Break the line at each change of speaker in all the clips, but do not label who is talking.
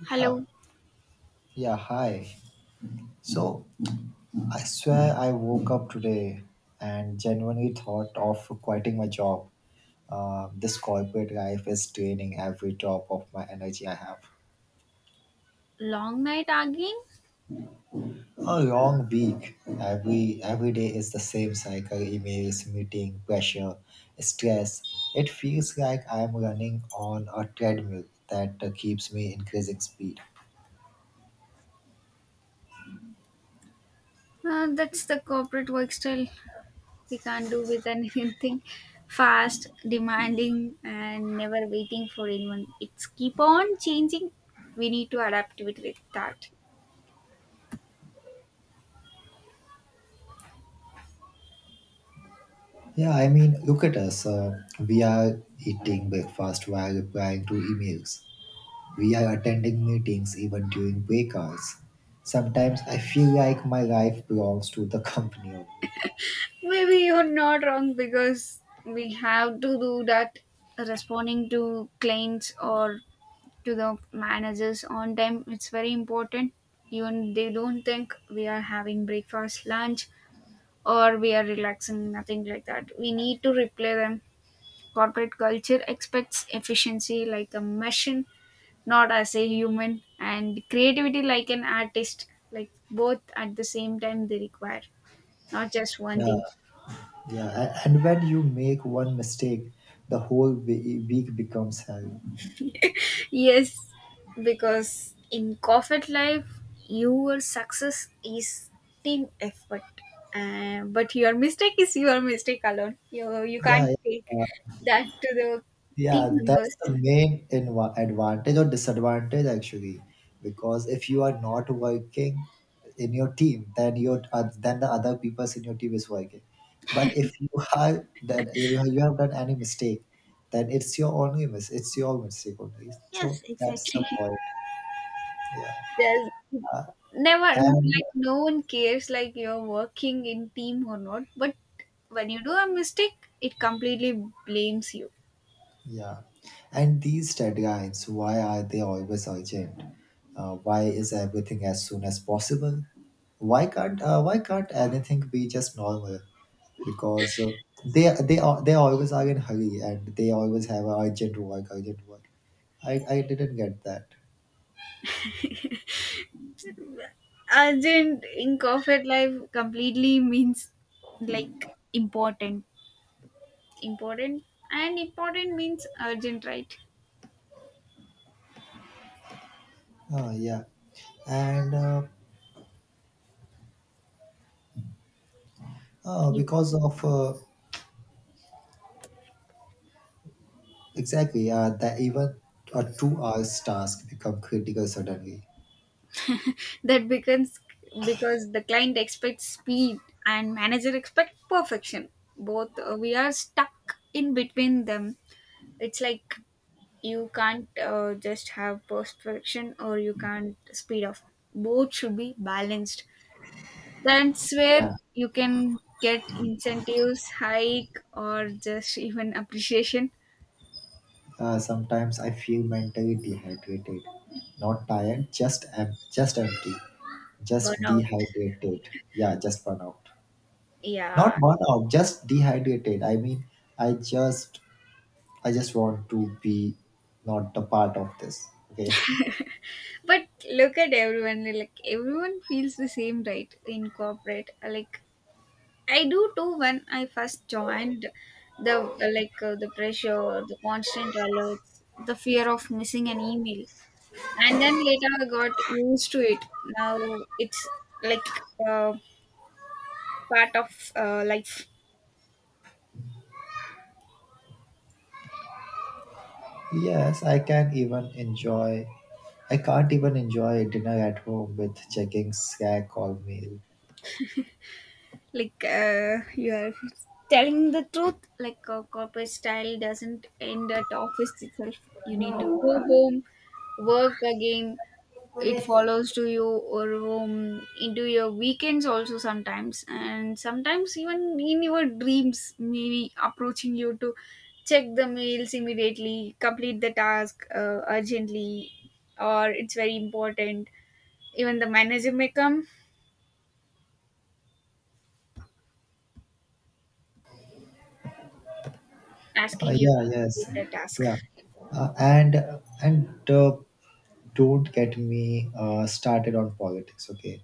Yeah,
Hello,
yeah, hi. So I swear I woke up today and genuinely thought of quitting my job. This corporate life is draining every drop of my energy I have.
long night arguing?
A long week. Every day is the same cycle: emails, meeting, pressure, stress. It feels like I am running on a treadmill that keeps me increasing speed.
That's the corporate work style. We can't do with anything fast, demanding, and never waiting for anyone. It's keep on changing. We need to adapt with that.
Yeah, I mean, look at us. We are eating breakfast while replying to emails. We are attending meetings even during break hours. Sometimes I feel like my life belongs to the company only.
Maybe you're not wrong because we have to do that, responding to clients or to the managers on time. It's very important. Even they don't think we are having breakfast, lunch, or we are relaxing, nothing like that. We need to replay them. Corporate culture expects efficiency like a machine, not as a human, and creativity like an artist, like both at the same time they require, not just one
Yeah,
thing.
yeah. And when you make one mistake, the whole week becomes hell.
Yes, because in corporate life, your success is team effort. But your mistake is your mistake alone. You
Yeah,
can't take
yeah.
that to the team
Yeah,
members.
that's the main advantage or disadvantage actually, because if you are not working in your team, then your then the other people in your team is working. But if you have that you have done any mistake, then it's your mistake only.
Yes,
So that's the
exactly.
point. Yeah,
There's never,
and
like, no one cares like you're working in team or not, but when you do a mistake, it completely blames you.
Yeah. And these deadlines, why are they always urgent? Why is everything as soon as possible? Why can't anything be just normal? Because they always are in hurry and they always have urgent work, urgent work. I didn't get that.
Urgent in corporate life completely means like important, important, and important means urgent, right?
Yeah. and
You.
because of exactly that even a 2 hour task become critical suddenly.
That becomes because the client expects speed and manager expect perfection. Both we are stuck in between them. It's like you can't just have perfection or you can't speed off. Both should be balanced. That's where
Yeah.
you can get incentives hike or just even appreciation.
Sometimes I feel mentally dehydrated, not tired, just empty, just
Burnout,
dehydrated. Yeah, just burnout. Not
yeah.
burnout, just dehydrated. I mean, I just I just want to be not the part of this. Okay.
But look at everyone, like everyone feels the same, right, in corporate. Like, I do too when I first joined the, like, the pressure, the constant alerts, the fear of missing an email. And then later I got used to it. Now it's like, uh, part of life.
Yes, I can even enjoy. I can't even enjoy dinner at home with checking Slack all meal.
Like, you are telling the truth. Like, corporate style doesn't end at office itself. You need to go home, work again,
Uh,
it follows to you or into your weekends also sometimes, and sometimes even in your dreams, maybe approaching you to check the mails immediately, complete the task urgently, or it's very important. Even the manager may come asking you to
yeah.
complete
Yes.
the task.
Yeah. And don't get me started on politics, okay?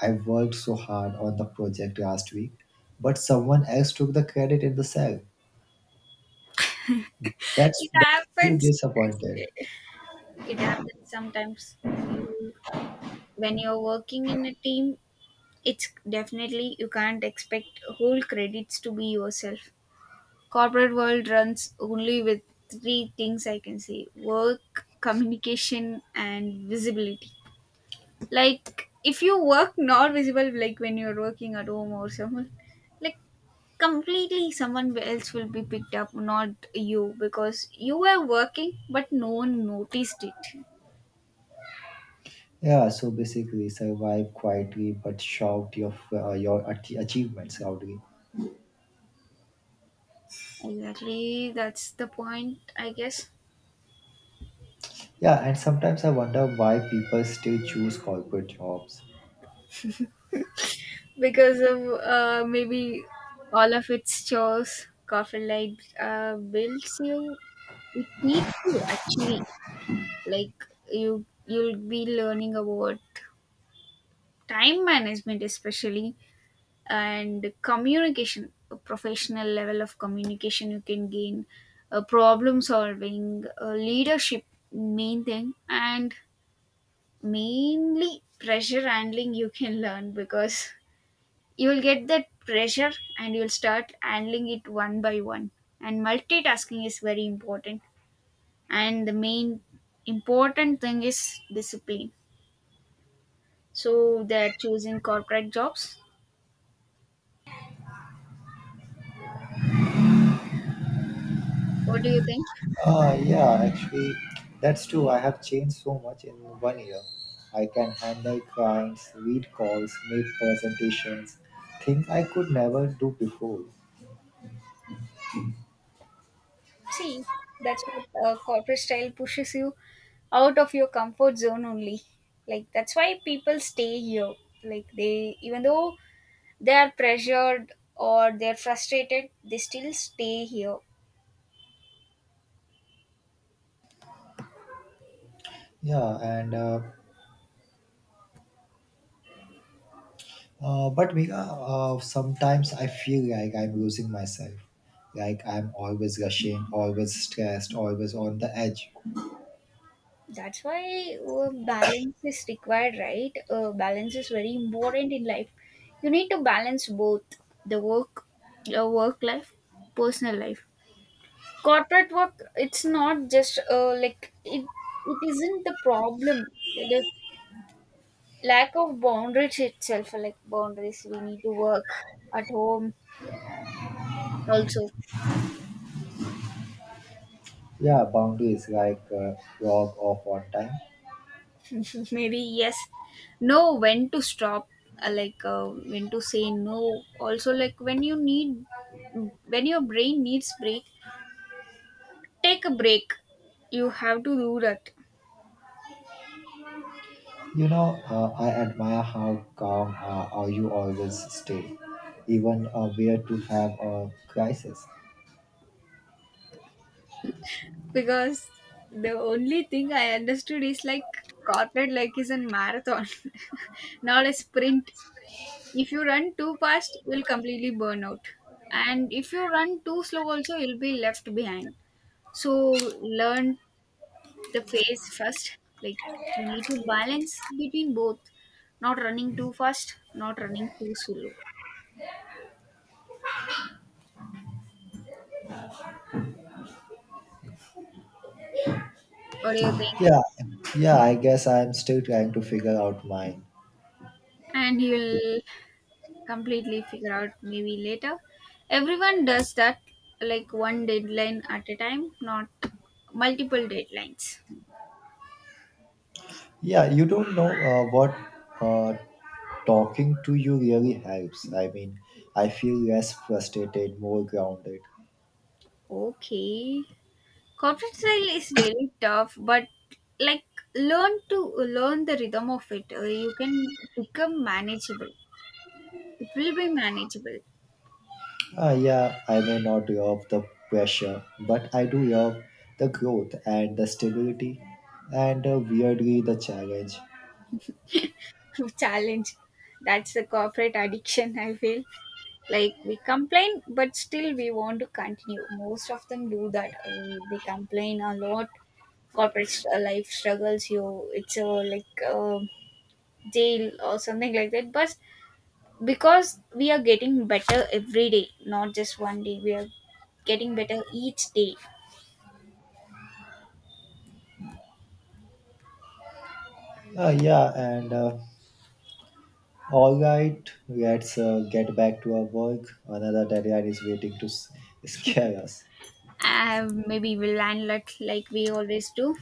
I worked so hard on the project last week, but someone else took the credit in the cell. that's
It
that's so
happens.
disappointed.
Actually, it happens sometimes, you, when you're working in a team, it's definitely you can't expect whole credits to be yourself. Corporate world runs only with three things I can say: work, communication, and visibility. Like if you work not visible, like when you're working at home or someone, like completely someone else will be picked up, not you, because you were working but no one noticed it.
Yeah, so basically survive quietly but shout your achievements loudly.
Exactly, that's the point, I guess.
Yeah, and sometimes I wonder why people still choose corporate jobs.
Because of maybe all of its chores, coffin light builds you. It teaches you, actually, like, you'll be learning about time management especially, and communication, a professional level of communication you can gain, problem solving, leadership main thing, and mainly pressure handling you can learn, because you will get that pressure and you'll start handling it one by one. And multitasking is very important, and the main important thing is discipline. So they're choosing corporate jobs. What do you think?
Yeah, actually, that's true. I have changed so much in one year. I can handle clients, lead calls, make presentations, things I could never do before.
See, that's what corporate style pushes you out of your comfort zone only. Like, that's why people stay here. Like, they, even though they are pressured or they're frustrated, they still stay here.
Yeah, and but Mika, sometimes I feel like I'm losing myself. Like I'm always rushing, always stressed, always on the edge.
That's why balance is required, right? Balance is very important in life. You need to balance both the work, your work life, personal life. Corporate work, it's not just like it. It isn't the problem. The lack of boundaries itself, like boundaries, we need to work at home also.
Yeah, boundaries like log off on time.
Maybe, yes. Know when to stop, like, when to say no. Also, like, when you need, when your brain needs break, take a break. You have to do that.
You know, I admire how calm you always stay, even where to have a crisis.
Because the only thing I understood is, like, corporate, like, is a marathon, not a sprint. If you run too fast, you'll completely burn out, and if you run too slow also, you'll be left behind. So learn the phase first. Like, you need to balance between both, not running too fast, not running too slow. What do you think?
Yeah, yeah, I guess I'm still trying to figure out mine.
And you'll completely figure out maybe later. Everyone does that, like one deadline at a time, not multiple deadlines.
Yeah, you don't know what uh, talking to you really helps. I mean, I feel less frustrated, more grounded.
Okay, corporate style is really tough, but, like, learn to learn the rhythm of it. You can become manageable, it will be manageable.
Yeah, I may not love the pressure, but I do love the growth and the stability, and weirdly, the challenge.
Challenge. That's the corporate addiction, I feel. Like we complain, but still we want to continue. Most of them do that. They complain a lot. Corporate life struggles you. It's a like jail or something like that. But because we are getting better every day, not just one day. We are getting better each day.
Yeah, and All right, let's get back to our work. Another deadline is waiting to scare us.
Maybe we'll land like we always do.